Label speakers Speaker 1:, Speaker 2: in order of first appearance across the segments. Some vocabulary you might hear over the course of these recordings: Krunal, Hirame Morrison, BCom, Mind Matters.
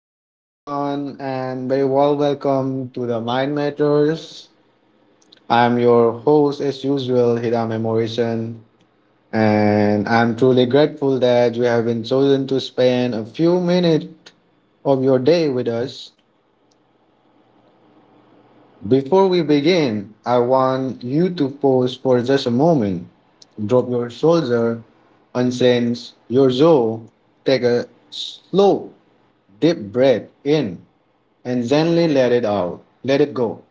Speaker 1: Hello, everyone, and very warm welcome to the Mind Matters. I'm your host, as usual, Hirame Morrison, and I'm truly grateful that you have been chosen to spend a few minutes of your day with us. Before we begin, I want you to pause for just a moment, drop your shoulder, unsense your jaw, take a slow, deep breath in, and gently let it out. Let it go.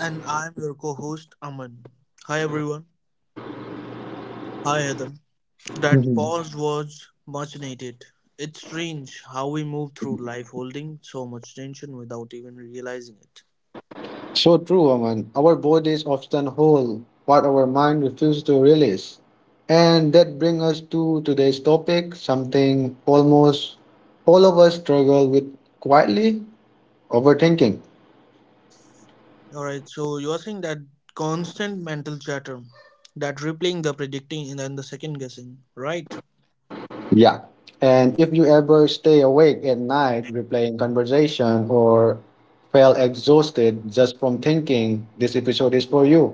Speaker 2: And I'm your co host, Aman. Hi, everyone. Hi, Adam. That
Speaker 1: Mhm.
Speaker 2: pause was much needed. It's strange how we move through life holding so much tension without even realizing it.
Speaker 1: So true, Aman. Our bodies often hold what our mind refuses to release. And that brings us to today's topic, something almost all of us struggle with quietly overthinking.
Speaker 2: Alright, so you're saying that constant mental chatter, that replaying, the predicting, and then the second guessing, right?
Speaker 1: Yeah. And if you ever stay awake at night replaying conversation or feel exhausted just from thinking, this episode is for you.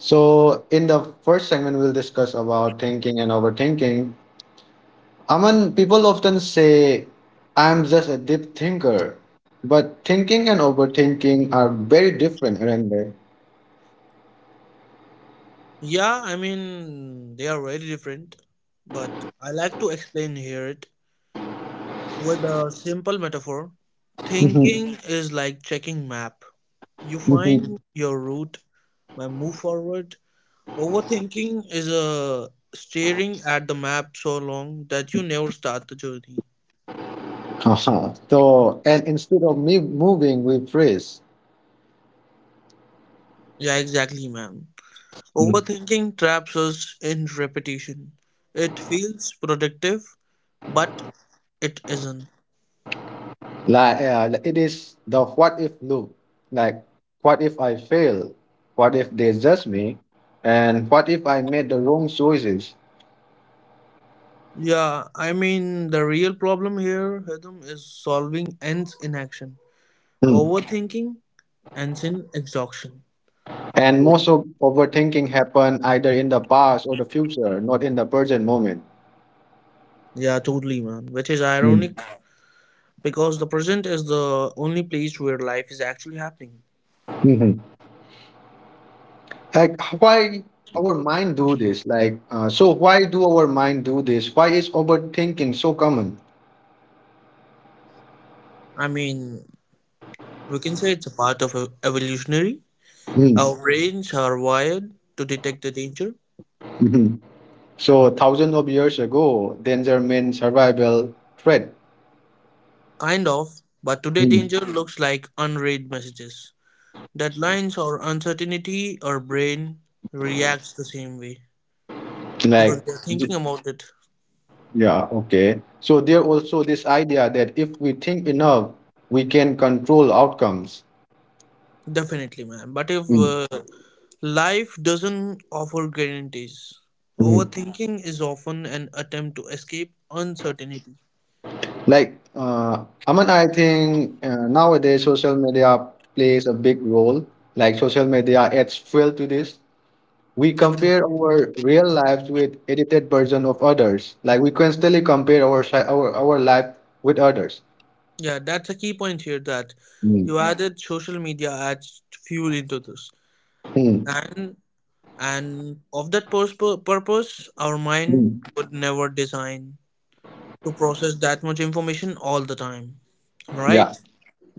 Speaker 1: So in the first segment, we'll discuss about thinking and overthinking. Aman, people often say, I'm just a deep thinker. But thinking and overthinking are very different, aren't they?
Speaker 2: Yeah, I mean, they are very different, but I like to explain here it with a simple metaphor.
Speaker 1: Mhm,
Speaker 2: Thinking is like checking map. You
Speaker 1: mhm.
Speaker 2: find your route and move forward. Overthinking is staring at the map so long that you never start the journey.
Speaker 1: Haha. So, and instead of me moving, we freeze.
Speaker 2: Yeah, exactly, man.
Speaker 1: Mm.
Speaker 2: Overthinking traps us in repetition. It feels productive, but it isn't.
Speaker 1: Like, it is the what if loop. Like, what if I fail? What if they judge me? And what if I made the wrong choices?
Speaker 2: Yeah, I mean, the real problem here, Hedam, is solving ends in action.
Speaker 1: Mm.
Speaker 2: Overthinking and in exhaustion.
Speaker 1: And most of overthinking happen either in the past or the future, not in the present moment.
Speaker 2: Yeah, totally, man. Which is ironic
Speaker 1: Mm.
Speaker 2: because the present is the only place where life is actually happening.
Speaker 1: Mhm. like why our mind do this like so why do our mind do this? Why is overthinking so common?
Speaker 2: I mean, we can say it's a part of evolutionary.
Speaker 1: Hmm.
Speaker 2: Our brains are wired to detect the danger,
Speaker 1: Mhm. So thousands of years ago, danger meant survival threat.
Speaker 2: kind of, but today
Speaker 1: Hmm.
Speaker 2: danger looks like unread messages. Deadlines or uncertainty, our brain reacts the same way because
Speaker 1: like
Speaker 2: we're
Speaker 1: d-
Speaker 2: thinking about it.
Speaker 1: yeah, okay, so there also this idea that if we think enough, we can control outcomes.
Speaker 2: Definitely, man. But if
Speaker 1: Hmm.
Speaker 2: Life doesn't offer guarantees.
Speaker 1: Mhm.
Speaker 2: Overthinking is often an attempt to escape uncertainty.
Speaker 1: Aman, I think nowadays social media plays a big role. Like social media adds fuel to this. We
Speaker 2: Definitely.
Speaker 1: compare our real lives with edited version of others, like we constantly compare our life with others.
Speaker 2: Yeah, that's a key point here that you
Speaker 1: Mm,
Speaker 2: Added social media adds fuel into this.
Speaker 1: mm,
Speaker 2: And and of that purpose, our mind
Speaker 1: mm.
Speaker 2: would never design to process that much information all the time. Am I
Speaker 1: Yeah,
Speaker 2: right?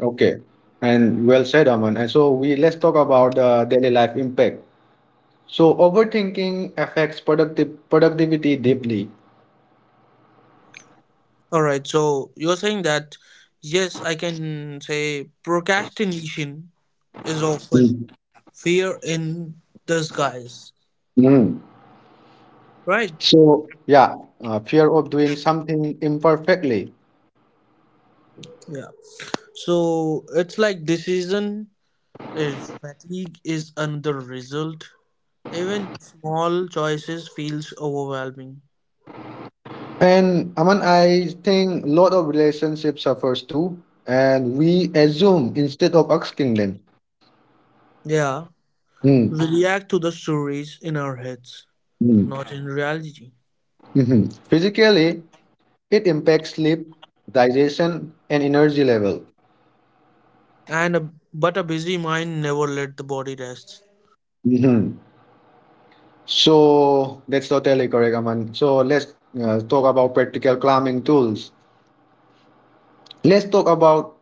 Speaker 1: okay, and well said, Aman. And so we let's talk about the daily life impact. So overthinking affects productive productivity deeply.
Speaker 2: Alright, so you're saying that yes, I can say procrastination is often
Speaker 1: Mm,
Speaker 2: fear in disguise,
Speaker 1: mm.
Speaker 2: right?
Speaker 1: So yeah, fear of doing something imperfectly.
Speaker 2: Yeah, so it's like decision is fatigue is another result. Even small choices feels overwhelming.
Speaker 1: And Aman, I think a lot of relationship suffers too, and we assume instead of asking them.
Speaker 2: Yeah,
Speaker 1: Hmm,
Speaker 2: we react to the stories in our heads,
Speaker 1: hmm,
Speaker 2: not in reality.
Speaker 1: mhm. Physically, it impacts sleep, digestion, and energy level.
Speaker 2: And but a busy mind never let the body rest.
Speaker 1: Mhm. So that's totally correct, Aman. So let's talk about practical calming tools. Let's talk about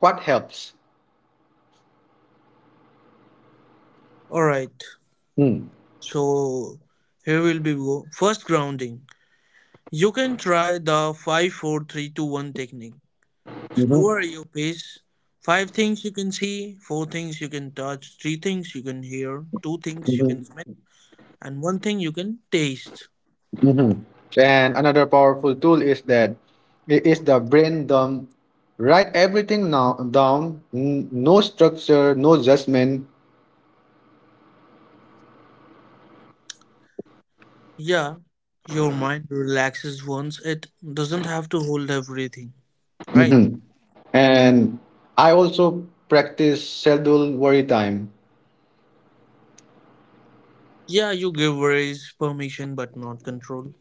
Speaker 1: what helps.
Speaker 2: All right,
Speaker 1: Hmm,
Speaker 2: so here will be go first grounding. You can try the 5-4-3-2-1 technique.
Speaker 1: mhm,
Speaker 2: Slower your pace. Five things you can see, four things you can touch, three things you can hear, two things you can smell,
Speaker 1: mhm.
Speaker 2: and one thing you can taste.
Speaker 1: Mhm. And another powerful tool is that it is the brain dump. Write everything now down. No structure, no judgment.
Speaker 2: Yeah, your mind relaxes once it doesn't have to hold everything, right?
Speaker 1: Mhm. And I also practice schedule worry time.
Speaker 2: Yeah, you give worries permission but not control.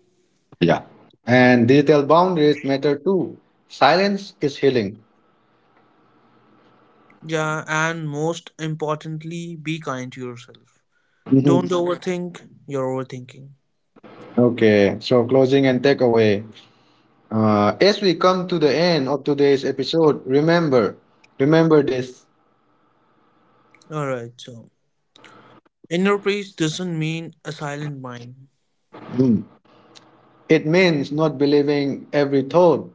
Speaker 1: Yeah. And digital boundaries matter too. Silence is healing.
Speaker 2: Yeah, and most importantly, be kind to yourself. Don't
Speaker 1: Mhm.
Speaker 2: overthink. You're overthinking.
Speaker 1: Okay, so closing and takeaway. As we come to the end of today's episode, remember this.
Speaker 2: Alright, so inner peace doesn't mean a silent mind.
Speaker 1: It means not believing every thought.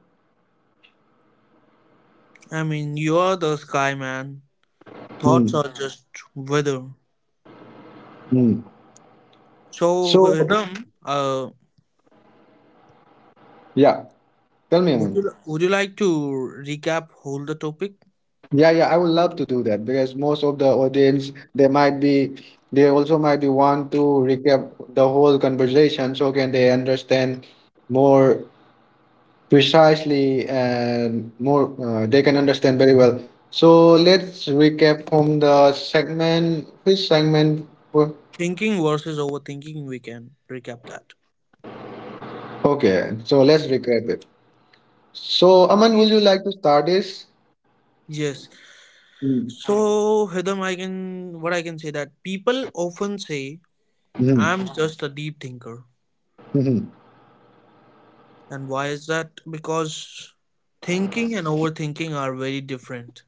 Speaker 2: I mean, you are the sky, man. Thoughts
Speaker 1: Mm,
Speaker 2: are just weather.
Speaker 1: mm.
Speaker 2: So,
Speaker 1: So,
Speaker 2: Ridham,
Speaker 1: yeah, tell me,
Speaker 2: would
Speaker 1: Anand.
Speaker 2: you would you like to recap whole the topic?
Speaker 1: Yeah, yeah, I would love to do that because most of the audience, they also might be want to recap the whole conversation so can they understand more precisely and more, they can understand very well. So let's recap from the segment. Which segment? wa-
Speaker 2: Thinking versus overthinking. We can recap that.
Speaker 1: Okay, so let's recap it. So, Aman, would you like to start this?
Speaker 2: Yes.
Speaker 1: Mm-hmm.
Speaker 2: So, Hidam, I can what I can say that people often say I'm just a deep thinker,
Speaker 1: Hmm.
Speaker 2: and why is that? Because thinking and overthinking are very different.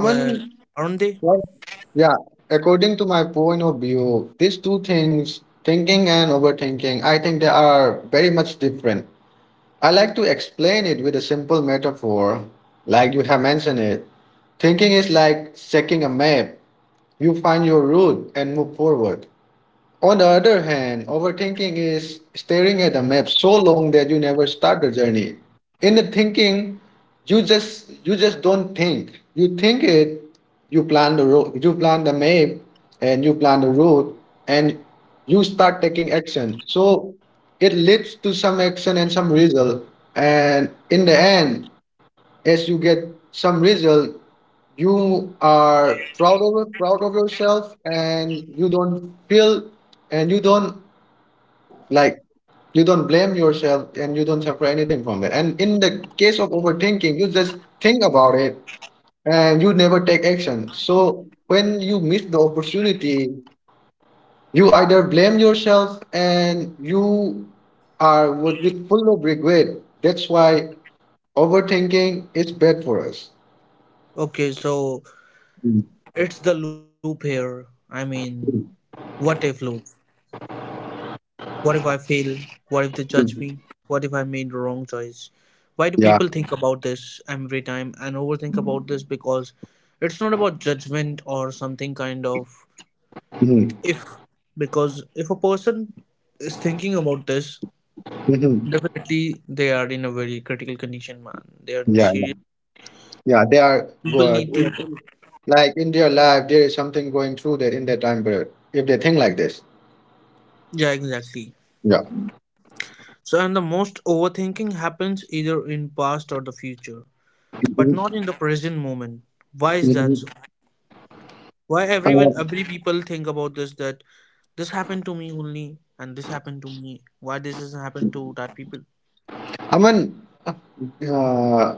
Speaker 2: Where aren't they?
Speaker 1: what- yeah, according to my point of view, these two things, thinking and overthinking, I think they are very much different. I like to explain it with a simple metaphor, like you have mentioned it. Thinking is like checking a map. You find your route and move forward. On the other hand, overthinking is staring at a map so long that you never start the journey. In the thinking, you just don't think. You think it, you plan the road, you plan the map, and you plan the route, and you start taking action. So it leads to some action and some result. And in the end, as you get some result, you are proud of yourself, and you don't feel, and you don't, like, you don't blame yourself, and you don't suffer anything from it. And in the case of overthinking, you just think about it and you never take action. So when you miss the opportunity, you either blame yourself and you are with full of regret. That's why overthinking is bad for us.
Speaker 2: Okay, so
Speaker 1: Mm.
Speaker 2: it's the loop here. I mean, what if, look? What if I fail? What if they judge me?
Speaker 1: Mhm.
Speaker 2: What if I made the wrong choice? Why do
Speaker 1: Yeah.
Speaker 2: people think about this every time and overthink about this? Because it's not about judgment or something kind of
Speaker 1: Hmm,
Speaker 2: if. Because if a person is thinking about this,
Speaker 1: hmm.
Speaker 2: definitely they are in a very critical condition, man. They are in
Speaker 1: Yeah.
Speaker 2: serious.
Speaker 1: Yeah. They are
Speaker 2: People
Speaker 1: good.
Speaker 2: need to.
Speaker 1: Like in their life, there is something going through that in that time period. If they think like this.
Speaker 2: Yeah, exactly.
Speaker 1: Yeah.
Speaker 2: So, and the most overthinking happens either in past or the future, but
Speaker 1: Mhm.
Speaker 2: not in the present moment. Why is that so?
Speaker 1: Mhm.
Speaker 2: Why
Speaker 1: Uh,
Speaker 2: everyone, every people think about this that this happened to me only and this happened to me. Why this doesn't happen to that people?
Speaker 1: I mean, uh,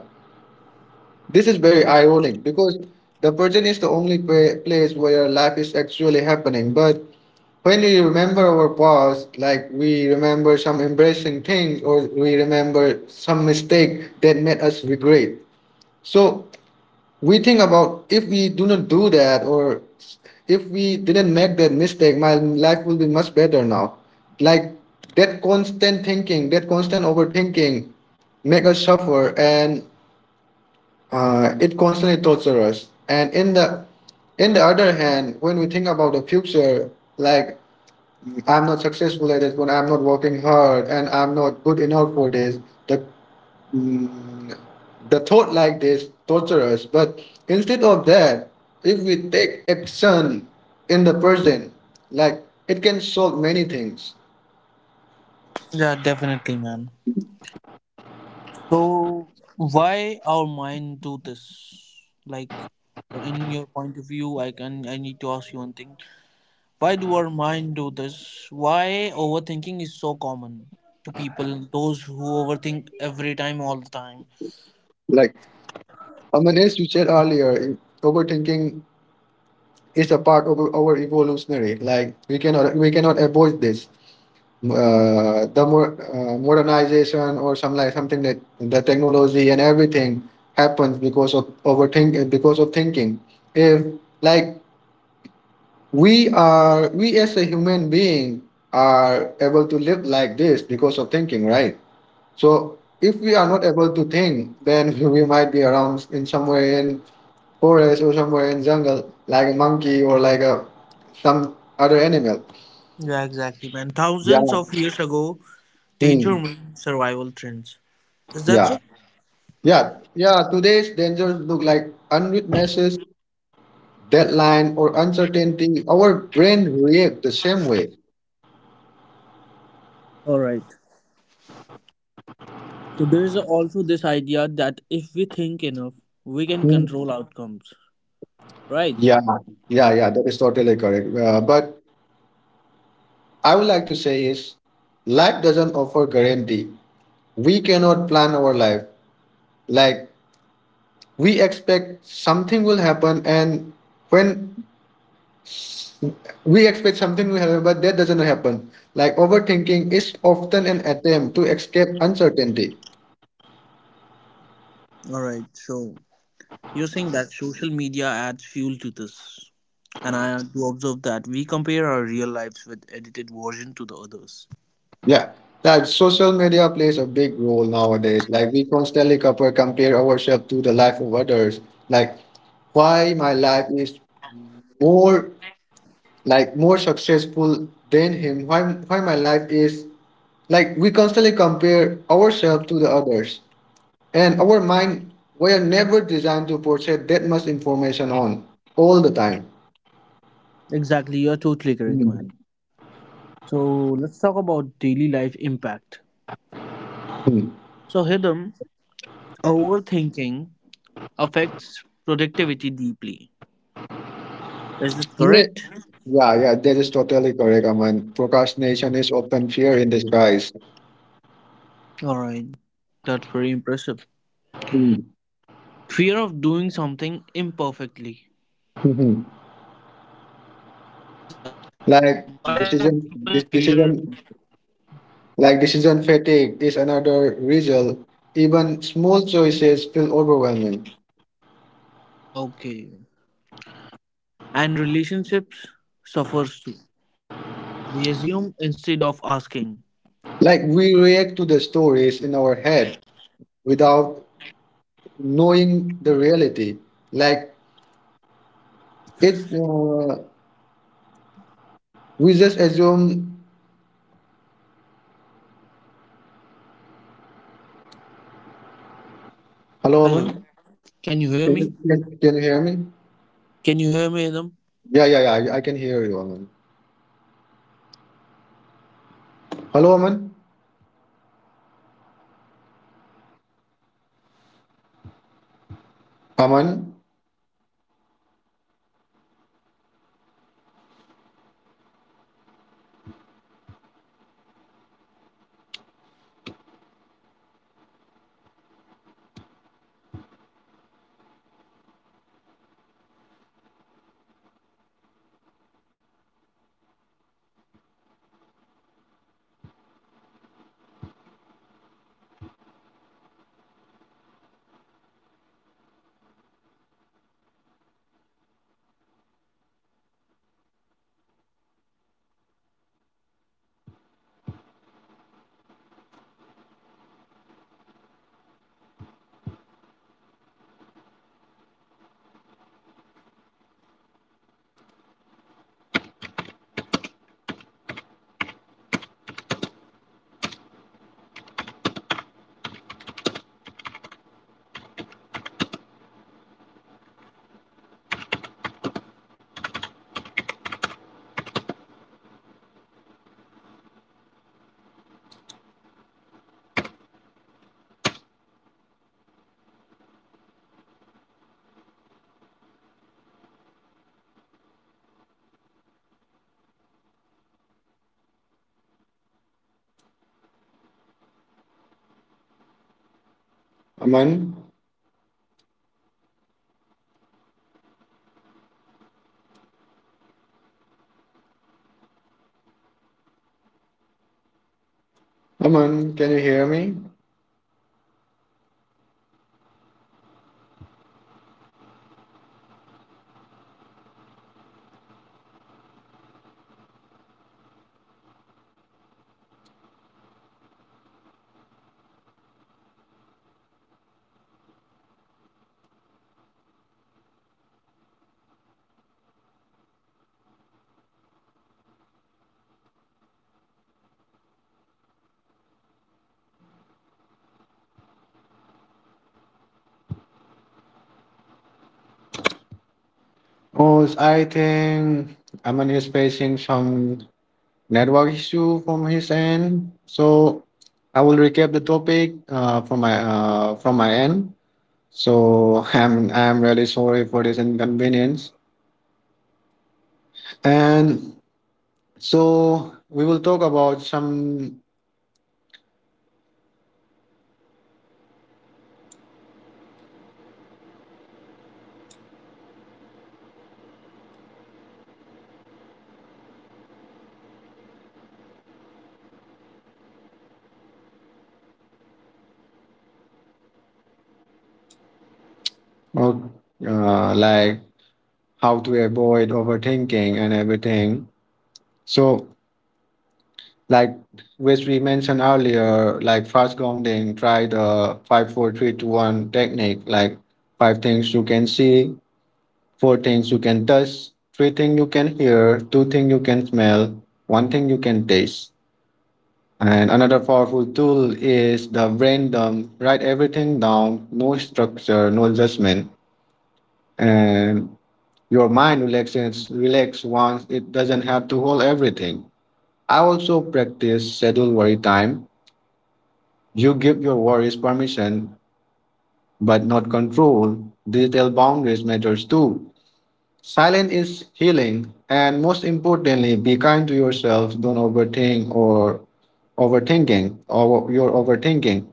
Speaker 1: this is very ironic because the prison is the only place where life is actually happening. But when we remember our past, like we remember some embarrassing things or we remember some mistake that made us regret. So we think about, if we do not do that, or if we didn't make that mistake, my life will be much better now. Like that constant thinking, that constant overthinking make us suffer. And it constantly tortures us. And in the other hand, when we think about the future, like I'm not successful at this, when I'm not working hard and I'm not good enough for this, the Mm, the thought like this torture us, but instead of that, if we take action in the present, like it can solve many things.
Speaker 2: Yeah, definitely, man. So why our mind do this? Like, in your point of view, I need to ask you one thing. Why do our mind do this? Why overthinking is so common to people? Those who overthink every time, all the time.
Speaker 1: Like, I mean, as you said earlier, overthinking is a part of our evolutionary. Like we cannot avoid this. The more modernization or some, like, something that the technology and everything happens because of overthink, because of thinking. If, like, we as a human being are able to live like this because of thinking, right? So if we are not able to think, then we might be around in somewhere in forest or somewhere in jungle, like a monkey or like a some other animal.
Speaker 2: Yeah, exactly, man.
Speaker 1: Yeah.
Speaker 2: Thousands of years ago,
Speaker 1: Hmm.
Speaker 2: danger means survival trends. Is that
Speaker 1: Yeah,
Speaker 2: so?
Speaker 1: yeah, yeah, today's dangers look like unread messages, deadline or uncertainty. Our brain react the same way.
Speaker 2: All right. So there is also this idea that if we think enough, we can
Speaker 1: Hmm.
Speaker 2: control outcomes, right?
Speaker 1: Yeah, yeah, yeah, that is totally correct, but I would like to say is life doesn't offer guarantee. We cannot plan our life. Like we expect something will happen, and when we expect something will happen but that doesn't happen. Like overthinking is often an attempt to escape uncertainty.
Speaker 2: All right. So you're saying that social media adds fuel to this, and I do observe that we compare our real lives with edited version to the others.
Speaker 1: Yeah. Like social media plays a big role nowadays. Like we constantly compare ourselves to the life of others. Like why my life is more, like more successful than him, why my life is, like we constantly compare ourselves to the others, and our mind were never designed to process that much information on all the time.
Speaker 2: Exactly. You're totally correct,
Speaker 1: Mhm.
Speaker 2: man. So let's talk about daily life impact.
Speaker 1: Mhm.
Speaker 2: So Hidam, overthinking affects productivity deeply. Is it
Speaker 1: Yeah,
Speaker 2: correct?
Speaker 1: yeah, yeah, that is totally correct, Aman. Procrastination is often fear in disguise.
Speaker 2: All right. That's very impressive.
Speaker 1: Mhm.
Speaker 2: Fear of doing something imperfectly.
Speaker 1: Mhm.
Speaker 2: What is that? I
Speaker 1: Like
Speaker 2: mean, why do
Speaker 1: decision, this
Speaker 2: people fear?
Speaker 1: decision, like decision fatigue is another result. Even small choices feel overwhelming.
Speaker 2: Okay. And relationships suffers too. We assume instead of asking.
Speaker 1: Like we react to the stories in our head without knowing the reality. Like it, we just assume. Hello,
Speaker 2: Hello.
Speaker 1: Aman.
Speaker 2: Can you hear
Speaker 1: Can
Speaker 2: me?
Speaker 1: you, can, can you hear me?
Speaker 2: Can you hear me, Adam?
Speaker 1: Yeah, yeah, yeah. I can hear you, Aman.
Speaker 2: All right, man.
Speaker 1: Hello, Aman. Aman. Aman. Aman. Can you hear me? Oh, I think Aman is facing some network issue from his end. So I will recap the topic from my end. So I'm really sorry for this inconvenience. And so we will talk about some uh, like how to avoid overthinking and everything. So like which we mentioned earlier, like fast grounding, try the 5-4-3-2-1 technique, like five things you can see, four things you can touch, three things you can hear, two things you can smell, one thing you can taste. And another powerful tool is the brain dump. Write everything down, no structure, no judgment. And your mind relaxes relax once it doesn't have to hold everything. I also practice schedule worry time. You give your worries permission, but not control. Digital boundaries matters too. Silence is healing, and most importantly, be kind to yourself. Don't overthink or overthinking or your overthinking